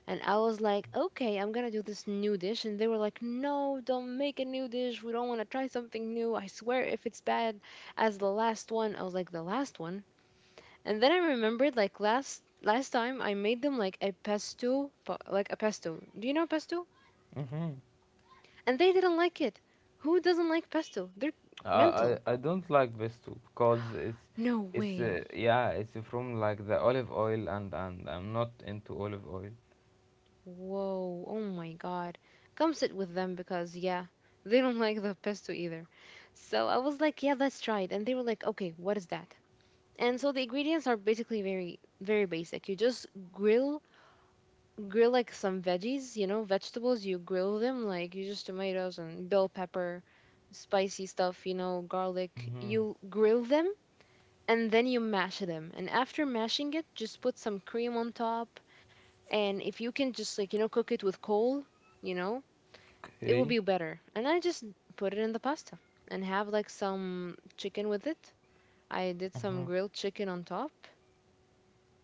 Speaker 2: And I was like, okay, I'm going to do this new dish. And they were like, no, don't make a new dish. We don't want to try something new. I swear, if it's bad as the last one, I was like, the last one. And then I remembered like last. Last time I made them like a pesto, but like a pesto. Do you know pesto?
Speaker 1: Mm-hmm.
Speaker 2: And they didn't like it. Who doesn't like pesto? They're
Speaker 1: Uh,
Speaker 2: mental.
Speaker 1: I, I don't like Vestu because it's,
Speaker 2: No
Speaker 1: it's uh,
Speaker 2: way.
Speaker 1: yeah, it's from like the olive oil, and, and I'm not into olive oil.
Speaker 2: Whoa. Oh my God. Come sit with them because, yeah, they don't <laughs> like the pesto either. So I was like, yeah, let's try it. And they were like, okay, what is that? And so the ingredients are basically very, very basic. You just grill, grill like some veggies, you know, vegetables. You grill them like you just tomatoes and bell pepper, spicy stuff, you know, garlic.
Speaker 1: Mm-hmm.
Speaker 2: You grill them and then you mash them, and after mashing it just put some cream on top, and if you can just like you know cook it with coal, you know, it will
Speaker 1: Okay.
Speaker 2: be better. And I just put it in the pasta and have like some chicken with it. I did some
Speaker 1: Mm-hmm.
Speaker 2: grilled chicken on top,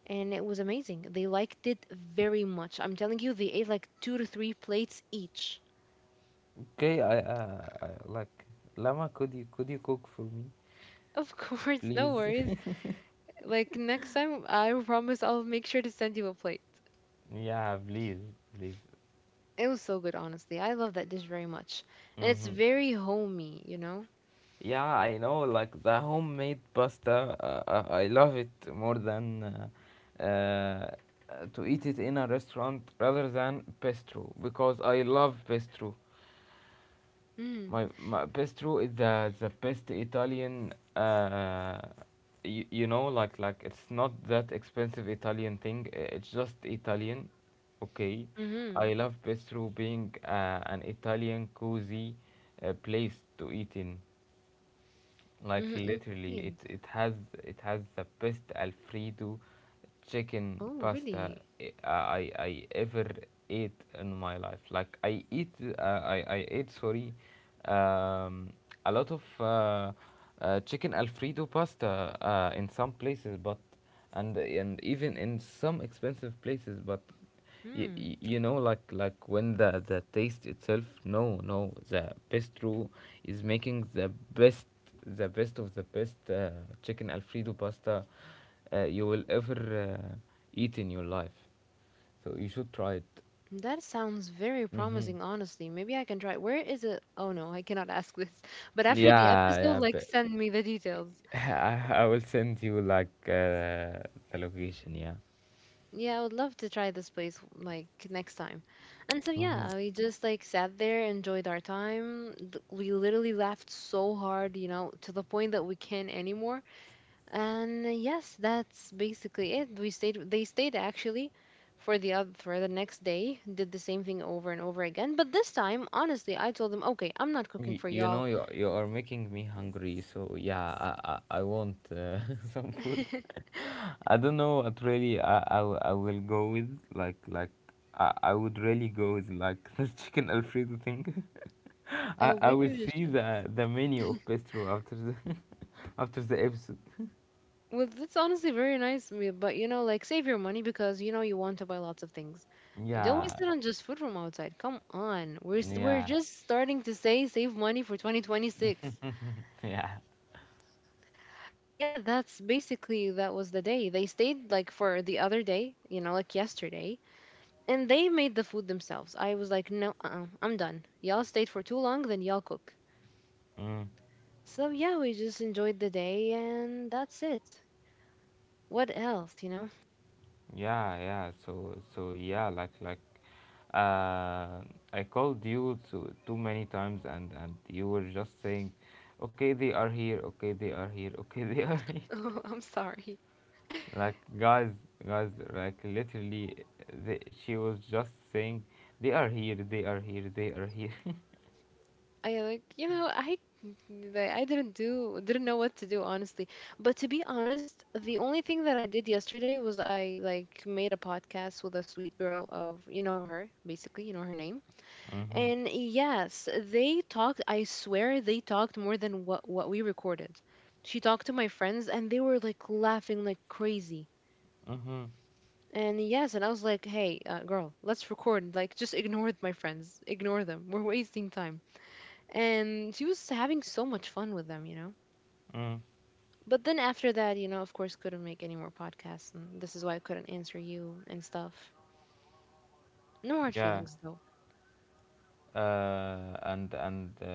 Speaker 2: and it was amazing. They liked it very much. I'm telling you, they ate like two to three plates each.
Speaker 1: Okay, I, uh, I like Lama, could you could you cook for me,
Speaker 2: <laughs> Of course, no
Speaker 1: please?
Speaker 2: worries, like next time I promise I'll make sure to send you a plate.
Speaker 1: Yeah, please, please.
Speaker 2: It was so good, honestly. I love that dish very much. And it's
Speaker 1: Hmm.
Speaker 2: very homey, you know?
Speaker 1: Yeah, I know. Like the homemade pasta, uh, uh, I love it more than uh, uh, to eat it in a restaurant rather than pesto because I love pesto.
Speaker 2: Mm,
Speaker 1: my my pesto is the the best Italian. Uh, you, you know, like like it's not that expensive Italian thing. i- It's just Italian. Okay,
Speaker 2: mm-hmm,
Speaker 1: I love pesto being uh, an Italian cozy uh, place to eat in, like
Speaker 2: mm-hmm,
Speaker 1: literally it
Speaker 2: indeed.
Speaker 1: it has it has the best alfredo chicken
Speaker 2: Oh,
Speaker 1: pasta
Speaker 2: really?
Speaker 1: i i, I ever ate in my life. Like I eat uh, I I ate sorry um a lot of uh, uh, chicken alfredo pasta uh, in some places, but and and even in some expensive places, but you,
Speaker 2: Hmm.
Speaker 1: you know, like like when the the taste itself, no no the best bistro is making the best the best of the best uh, chicken alfredo pasta uh, you will ever uh, eat in your life, so you should try it.
Speaker 2: That sounds very
Speaker 1: Mm-hmm.
Speaker 2: promising, honestly. Maybe I can try. Where is it? Oh, no, I cannot ask this. <laughs> But after the
Speaker 1: yeah
Speaker 2: episode,
Speaker 1: yeah
Speaker 2: like,
Speaker 1: but
Speaker 2: send me the details.
Speaker 1: <laughs> I, I will send you like uh, the location, yeah.
Speaker 2: Yeah, I would love to try this place, like, next time. And so,
Speaker 1: Hmm.
Speaker 2: yeah, we just, like, sat there, enjoyed our time. Th- We literally laughed so hard, you know, to the point that we can't anymore. And uh, yes, that's basically it. We stayed. They stayed actually for the other for the next day. Did the same thing over and over again. But this time, honestly, I told them, okay, I'm not cooking
Speaker 1: you,
Speaker 2: for
Speaker 1: you
Speaker 2: y'all.
Speaker 1: know you you are making me hungry, so yeah, i i, I want uh, <laughs> some food.
Speaker 2: <laughs>
Speaker 1: I don't know what really I, I, w- I will go with like like I, I would really go with like <laughs> the chicken alfredo thing. <laughs> I,
Speaker 2: Oh,
Speaker 1: I
Speaker 2: maybe
Speaker 1: will
Speaker 2: we just
Speaker 1: see
Speaker 2: should.
Speaker 1: the the menu of bistro after the <laughs> after the episode.
Speaker 2: Well, that's honestly very nice of, but you know, like save your money because you know you want to buy lots of things. Don't
Speaker 1: Yeah,
Speaker 2: waste it on just food from outside. Come on, we're s- we're
Speaker 1: yeah,
Speaker 2: just starting to say save money for twenty twenty-six.
Speaker 1: yeah,
Speaker 2: And yeah, that's basically that was the day. They stayed like for the other day, you know, like yesterday, and they made the food themselves. I was like, no, uh-uh, I'm done. Y'all stayed for too long, then y'all cook.
Speaker 1: mm,
Speaker 2: So yeah, we just enjoyed the day, and that's it. What else, you know? <laughs>
Speaker 1: yeah, yeah. So so yeah, like like uh, I called you too, too many times, and and you were just saying, okay they are here, okay they are here, <laughs> okay they are here.
Speaker 2: Oh, I'm sorry.
Speaker 1: Like, guys guys like literally they, she was just saying they are here, they are here, they are here.
Speaker 2: I like, you know, I like, I didn't do didn't know what to do honestly. But to be honest, the only thing that I did yesterday was I like made a podcast with a sweet girl of, you know her, basically, you know her name.
Speaker 1: <laughs> Mhm.
Speaker 2: And yes, they talked, I swear they talked more than what what we recorded. She talked to my friends and they were like laughing like crazy.
Speaker 1: Mhm.
Speaker 2: And yes, and I was like, "Hey, uh, girl, let's record. Like just ignore my friends. Ignore them. We're wasting time." And she was having so much fun with them, you know.
Speaker 1: Mm,
Speaker 2: But then after that, you know, of course couldn't make any more podcasts, and this is why I couldn't answer you and stuff. No hard
Speaker 1: yeah
Speaker 2: feelings though.
Speaker 1: uh and and uh,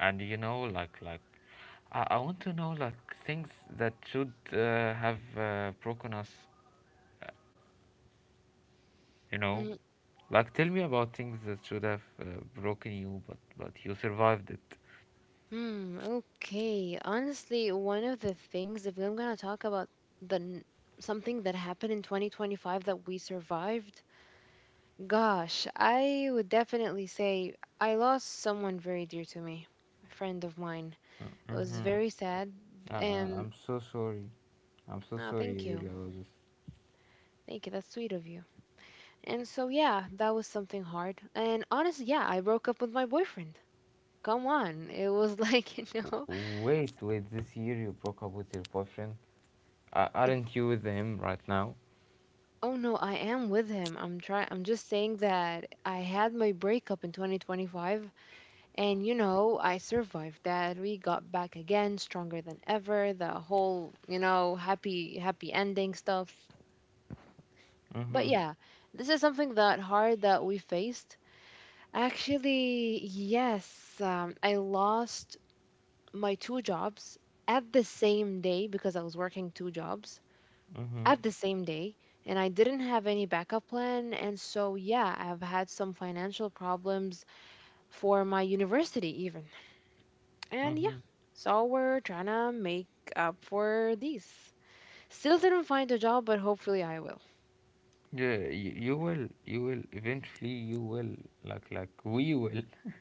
Speaker 1: and you know, like like I, I want to know like things that should uh, have uh, broken us, you know. Like tell me about things that should have uh, broken you, but but you survived it.
Speaker 2: Hmm, okay. Honestly, one of the things, if I'm gonna talk about the n- something that happened in twenty twenty-five that we survived, gosh, I would definitely say I lost someone very dear to me, a friend of mine. It was
Speaker 1: Mm-hmm.
Speaker 2: very sad,
Speaker 1: uh, uh,
Speaker 2: and
Speaker 1: I'm so sorry. I'm so
Speaker 2: oh,
Speaker 1: sorry,
Speaker 2: thank you.
Speaker 1: really, about this.
Speaker 2: Thank you. That's sweet of you. And so, yeah, that was something hard. And honestly, yeah, I broke up with my boyfriend. Come on. It was <laughs> like, you know,
Speaker 1: Wait, wait, this year you broke up with your boyfriend? Uh, aren't you with him right now?
Speaker 2: oh no, I am with him. I'm try I'm just saying that I had my breakup in twenty twenty-five, and you know, I survived that. We got back again stronger than ever. The whole, you know, happy happy ending stuff.
Speaker 1: Mm-hmm,
Speaker 2: But yeah, this is something that hard that we faced. Actually, yes, um, I lost my two jobs at the same day because I was working two jobs
Speaker 1: mm-hmm,
Speaker 2: at the same day, and I didn't have any backup plan. And so, yeah, I've had some financial problems for my university, even. And yeah,
Speaker 1: mm-hmm.
Speaker 2: so we're trying to make up for these. Still didn't find a job, but hopefully I will.
Speaker 1: Yeah, you, you will, you will, eventually you will, like, like, we will. <laughs>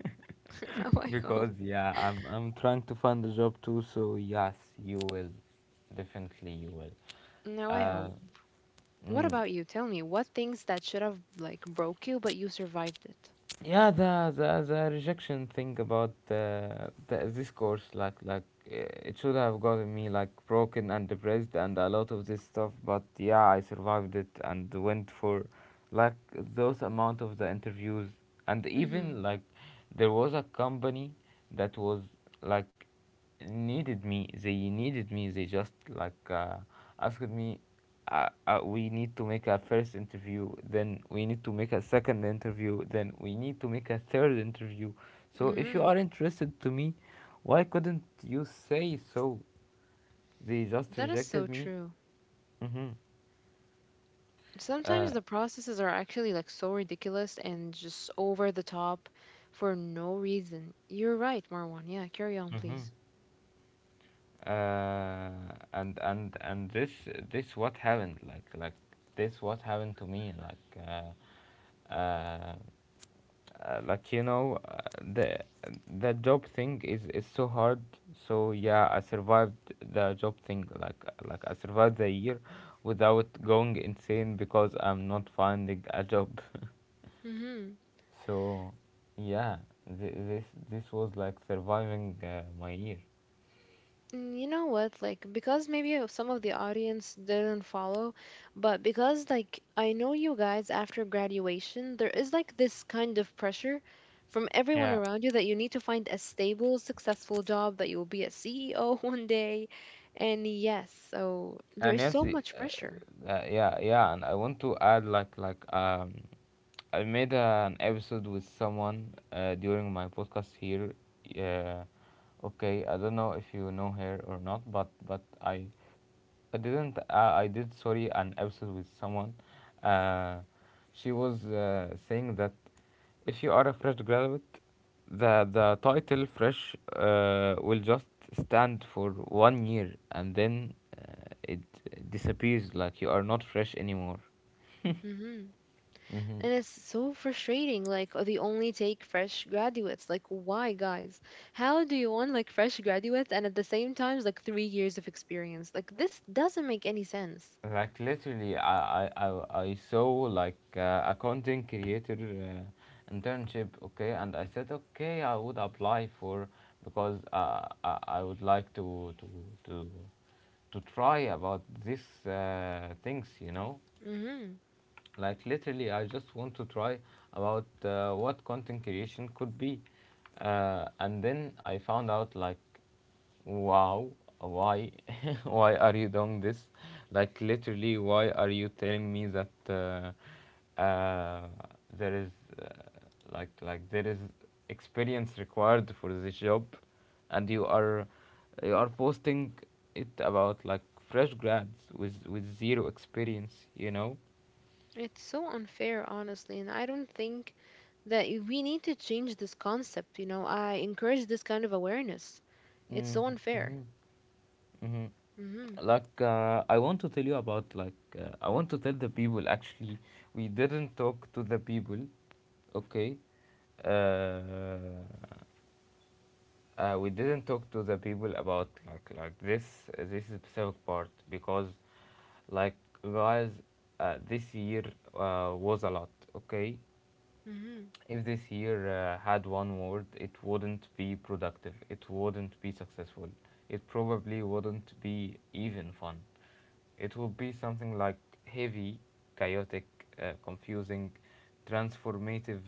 Speaker 2: <laughs> Now I hope.
Speaker 1: Because, yeah, I'm, I'm trying to find a job too, so yes, you will. Definitely you will.
Speaker 2: Now I
Speaker 1: Uh,
Speaker 2: hope. What
Speaker 1: mm.
Speaker 2: about you? Tell me, what things that should have like broke you, but you survived it?
Speaker 1: Yeah, the the, the rejection thing about uh, the, this course, like like uh, it should have gotten me like broken and depressed and a lot of this stuff, but yeah, I survived it and went for like those amount of the interviews. And
Speaker 2: Mm-hmm.
Speaker 1: even like there was a company that was like needed me, they needed me. They just like uh, asked me, uh, uh, we need to make a first interview, then we need to make a second interview, then we need to make a third interview. So if you
Speaker 2: Mm-hmm.
Speaker 1: are interested to me, why couldn't you say so? They just
Speaker 2: That is
Speaker 1: rejected
Speaker 2: so
Speaker 1: me.
Speaker 2: true.
Speaker 1: Mm-hmm. Uh,
Speaker 2: Sometimes the processes are actually like so ridiculous and just over the top for no reason. You're right, Marwan. Yeah, carry on,
Speaker 1: mm-hmm.
Speaker 2: please.
Speaker 1: Uh, and and and this this what happened, like like this what happened to me, like uh, uh, uh, like you know uh, the the job thing is is so hard, so yeah, I survived the job thing. Like like I survived the year without going insane because I'm not finding a job.
Speaker 2: Mm-hmm.
Speaker 1: So yeah, th- this this was like surviving uh, my year.
Speaker 2: And you know what? Like, because maybe uh, some of the audience didn't follow, but because, like, I know you guys after graduation, there is like this kind of pressure from everyone
Speaker 1: Yeah,
Speaker 2: around you that you need to find a stable, successful job, that you will be a C E O <laughs> one day. And yes, so
Speaker 1: and
Speaker 2: there's so
Speaker 1: Nancy,
Speaker 2: much
Speaker 1: uh,
Speaker 2: pressure.
Speaker 1: uh, yeah yeah, and I want to add like like um I made an episode with someone uh, during my podcast here. Uh, okay, I don't know if you know her or not, but but I I didn't uh, I did, sorry, an episode with someone. Uh, she was uh, saying that if you are a fresh graduate, the the title fresh uh, will just stand for one year, and then it disappears, like you are not fresh anymore.
Speaker 2: Mm-hmm.
Speaker 1: Mm-hmm.
Speaker 2: And it's so frustrating. Like uh, they only take fresh graduates. Like why, guys? How do you want like fresh graduates and at the same time like three years of experience? Like this doesn't make any sense.
Speaker 1: like literally i i i, I saw like uh, a content creator uh, internship, okay, and I said, okay, I would apply for, because uh, I, I would like to to to to try about these uh, things, you know.
Speaker 2: Mm-hmm.
Speaker 1: Like literally, I just want to try about uh, what content creation could be, uh, and then I found out like, wow, why, <laughs> why are you doing this? Like literally, why are you telling me that uh, uh, there is uh, like like there is experience required for this job, and you are you are posting it about like fresh grads with with zero experience, you know?
Speaker 2: It's so unfair, honestly. And I don't think that y- we need to change this concept. You know, I encourage this kind of awareness. It's so unfair.
Speaker 1: Mm-hmm.
Speaker 2: Mm-hmm.
Speaker 1: Mm-hmm. Like, uh, I want to tell you about like uh, I want to tell the people, actually we didn't talk to the people, okay? Uh, uh, we didn't talk to the people about like like this this specific part, because like, guys, uh, this year uh, was a lot, okay?
Speaker 2: Mm-hmm.
Speaker 1: If this year uh, had one word, it wouldn't be productive. It wouldn't be successful. It probably wouldn't be even fun. It would be something like heavy, chaotic, uh, confusing, transformative,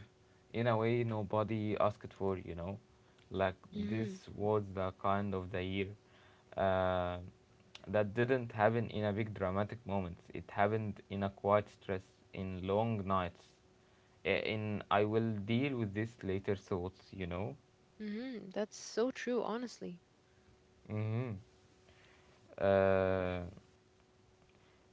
Speaker 1: in a way nobody asked for, you know. Like
Speaker 2: Mm-hmm.
Speaker 1: this was the kind of the year uh, that didn't happen in a big dramatic moments. It happened in a quiet stress, in long nights, a- and I will deal with this later thoughts, you know.
Speaker 2: Mm-hmm. That's so true, honestly.
Speaker 1: Mm-hmm. Uh,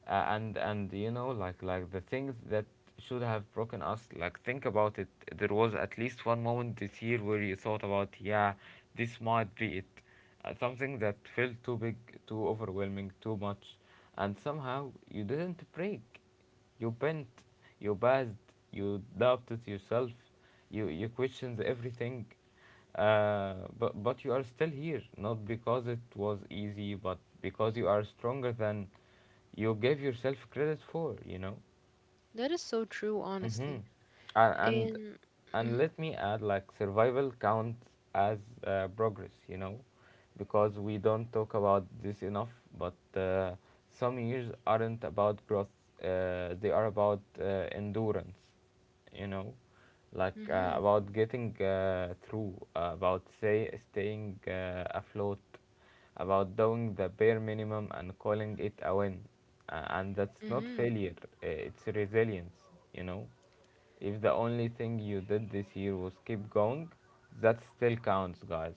Speaker 1: a- and and you know, like like the things that should have broken us. Like think about it. There was at least one moment this year where you thought about, yeah, this might be it. Uh, something that felt too big, too overwhelming, too much, and somehow you didn't break. You bent, you buzzed, you doubted yourself, you you questioned everything. Uh, but but you are still here, not because it was easy, but because you are stronger than you gave yourself credit for. You know.
Speaker 2: That is so true,
Speaker 1: Mm-hmm.
Speaker 2: honestly.
Speaker 1: And, and
Speaker 2: And.
Speaker 1: and
Speaker 2: Mm-hmm.
Speaker 1: let me add, like survival counts as uh, progress, you know, because we don't talk about this enough. But uh, some years aren't about growth; uh, they are about uh, endurance, you know, like uh,
Speaker 2: Mm-hmm.
Speaker 1: about getting uh, through, uh, about say staying uh, afloat, about doing the bare minimum and calling it a win, uh, and that's not
Speaker 2: Mm-hmm.
Speaker 1: failure, uh, it's resilience, you know. If the only thing you did this year was keep going, that still counts, guys.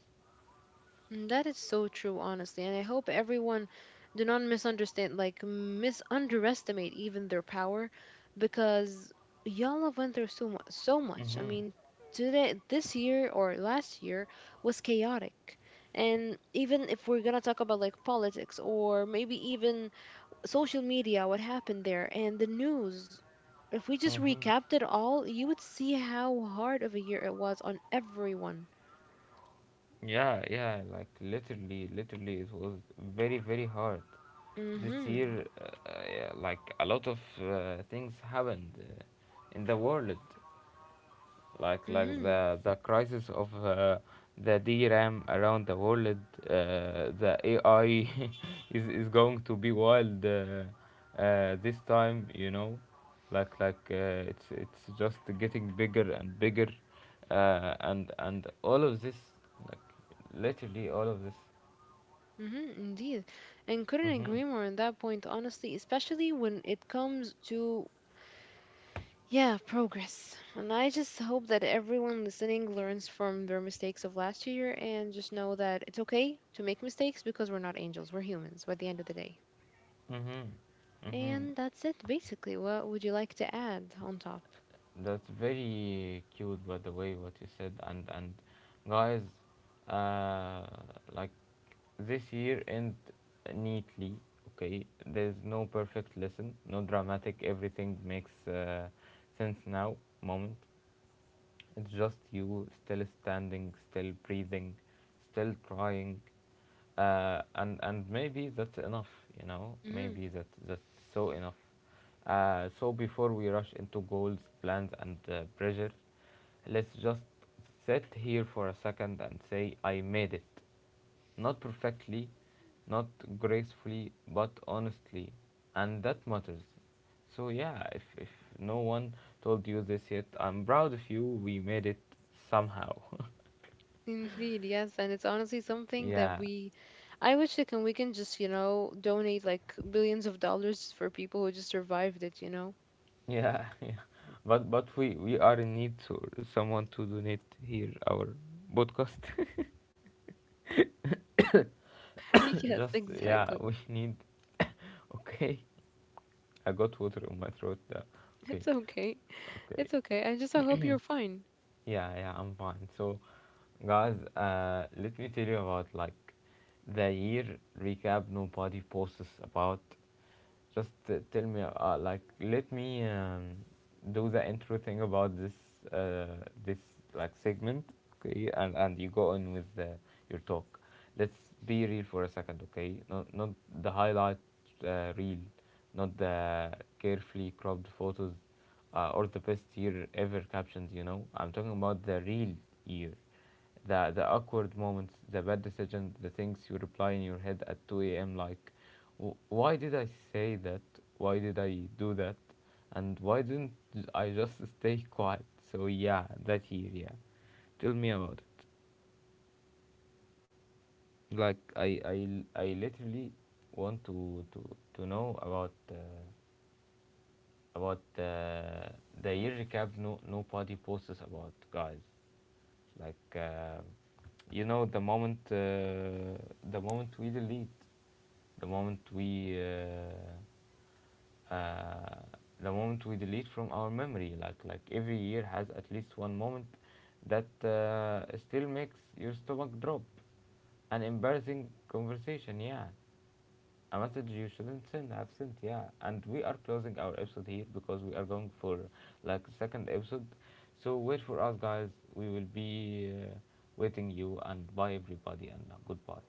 Speaker 2: Mm, that is so true, honestly, and I hope everyone do not misunderstand, like mis underestimate even their power, because y'all have went through so much. So much. I
Speaker 1: hmm
Speaker 2: mean, today, this year or last year was chaotic, and even if we're gonna talk about like politics or maybe even social media, what happened there and the news. If we just
Speaker 1: hmm
Speaker 2: recapped it all, you would see how hard of a year it was on everyone.
Speaker 1: yeah yeah like literally literally it was very very hard this
Speaker 2: Mm-hmm.
Speaker 1: year. Uh, uh, yeah, like a lot of uh, things happened uh, in the world, like like
Speaker 2: Mm-hmm.
Speaker 1: the the crisis of, uh, the D RAM around the world. Uh, the A I <laughs> is is going to be wild, uh, uh, this time. You know, like like uh, it's it's just getting bigger and bigger, uh, and and all of this, like literally all of this.
Speaker 2: Mm-hmm, indeed. And couldn't
Speaker 1: Mhm.
Speaker 2: agree more on that point, honestly, especially when it comes to, yeah, progress. And I just hope that everyone listening learns from their mistakes of last year and just know that it's okay to make mistakes because we're not angels, we're humans by the end of the day.
Speaker 1: Mhm. Mhm.
Speaker 2: And that's it, basically. What would you like to add on top?
Speaker 1: That's very cute, by the way, what you said. And and guys, uh, like this year end neatly. Okay, there's no perfect lesson, no dramatic. Everything makes uh, sense now. Moment. It's just you still standing, still breathing, still trying, uh, and and maybe that's enough, you know.
Speaker 2: Mm-hmm.
Speaker 1: Maybe that that's so enough. Uh, so before we rush into goals, plans, and uh, pressures, let's just sit here for a second and say I made it. Not perfectly, not gracefully, but honestly, and that matters. So yeah, if, if no one told you this yet, I'm proud of you. We made it somehow.
Speaker 2: Indeed, yes. And it's honestly
Speaker 1: <laughs>
Speaker 2: something that
Speaker 1: Yeah.
Speaker 2: we, I wish like, and we can just, you know, donate like billions of dollars for people who just survived it, you know?
Speaker 1: Yeah, <laughs> yeah. But but we we are in need to someone to donate here our podcast.
Speaker 2: <laughs>
Speaker 1: <laughs>
Speaker 2: Yes,
Speaker 1: Just yeah,
Speaker 2: exactly.
Speaker 1: we need. Okay, I got water on my throat. Uh, okay,
Speaker 2: It's okay.
Speaker 1: okay.
Speaker 2: It's okay. I just I hope you're fine.
Speaker 1: Yeah, yeah, I'm fine. So guys, uh, let me tell you about like the year recap nobody posts about. Just uh, tell me, uh, like, let me um, do the intro thing about this, uh, this like segment, okay? And and you go on with uh, your talk. Let's be real for a second, okay? Not not the highlight, uh, reel, not the carefully cropped photos, uh, or the best year ever captions. You know, I'm talking about the
Speaker 2: Hmm.
Speaker 1: real year, the the awkward moments, the bad decisions, the things you reply in your head at two a m like, "W- Why did I say that? Why did I do that? And why didn't j- I just stay quiet? So yeah, that year, yeah. Tell me about it. Like I I, I literally want to to to know about, uh, about uh, the year recap. No Nobody posts about, guys. Like uh, you know, the moment, uh, the moment we delete, the moment we uh, uh, the moment we delete from our memory, like like every year has at least one moment that uh, still makes your stomach drop. An embarrassing conversation, yeah, a message you shouldn't send have sent. Yeah, and we are closing our episode here because we are going for like second episode, so wait for us, guys. We will be uh, waiting you, and bye everybody, and uh, goodbye.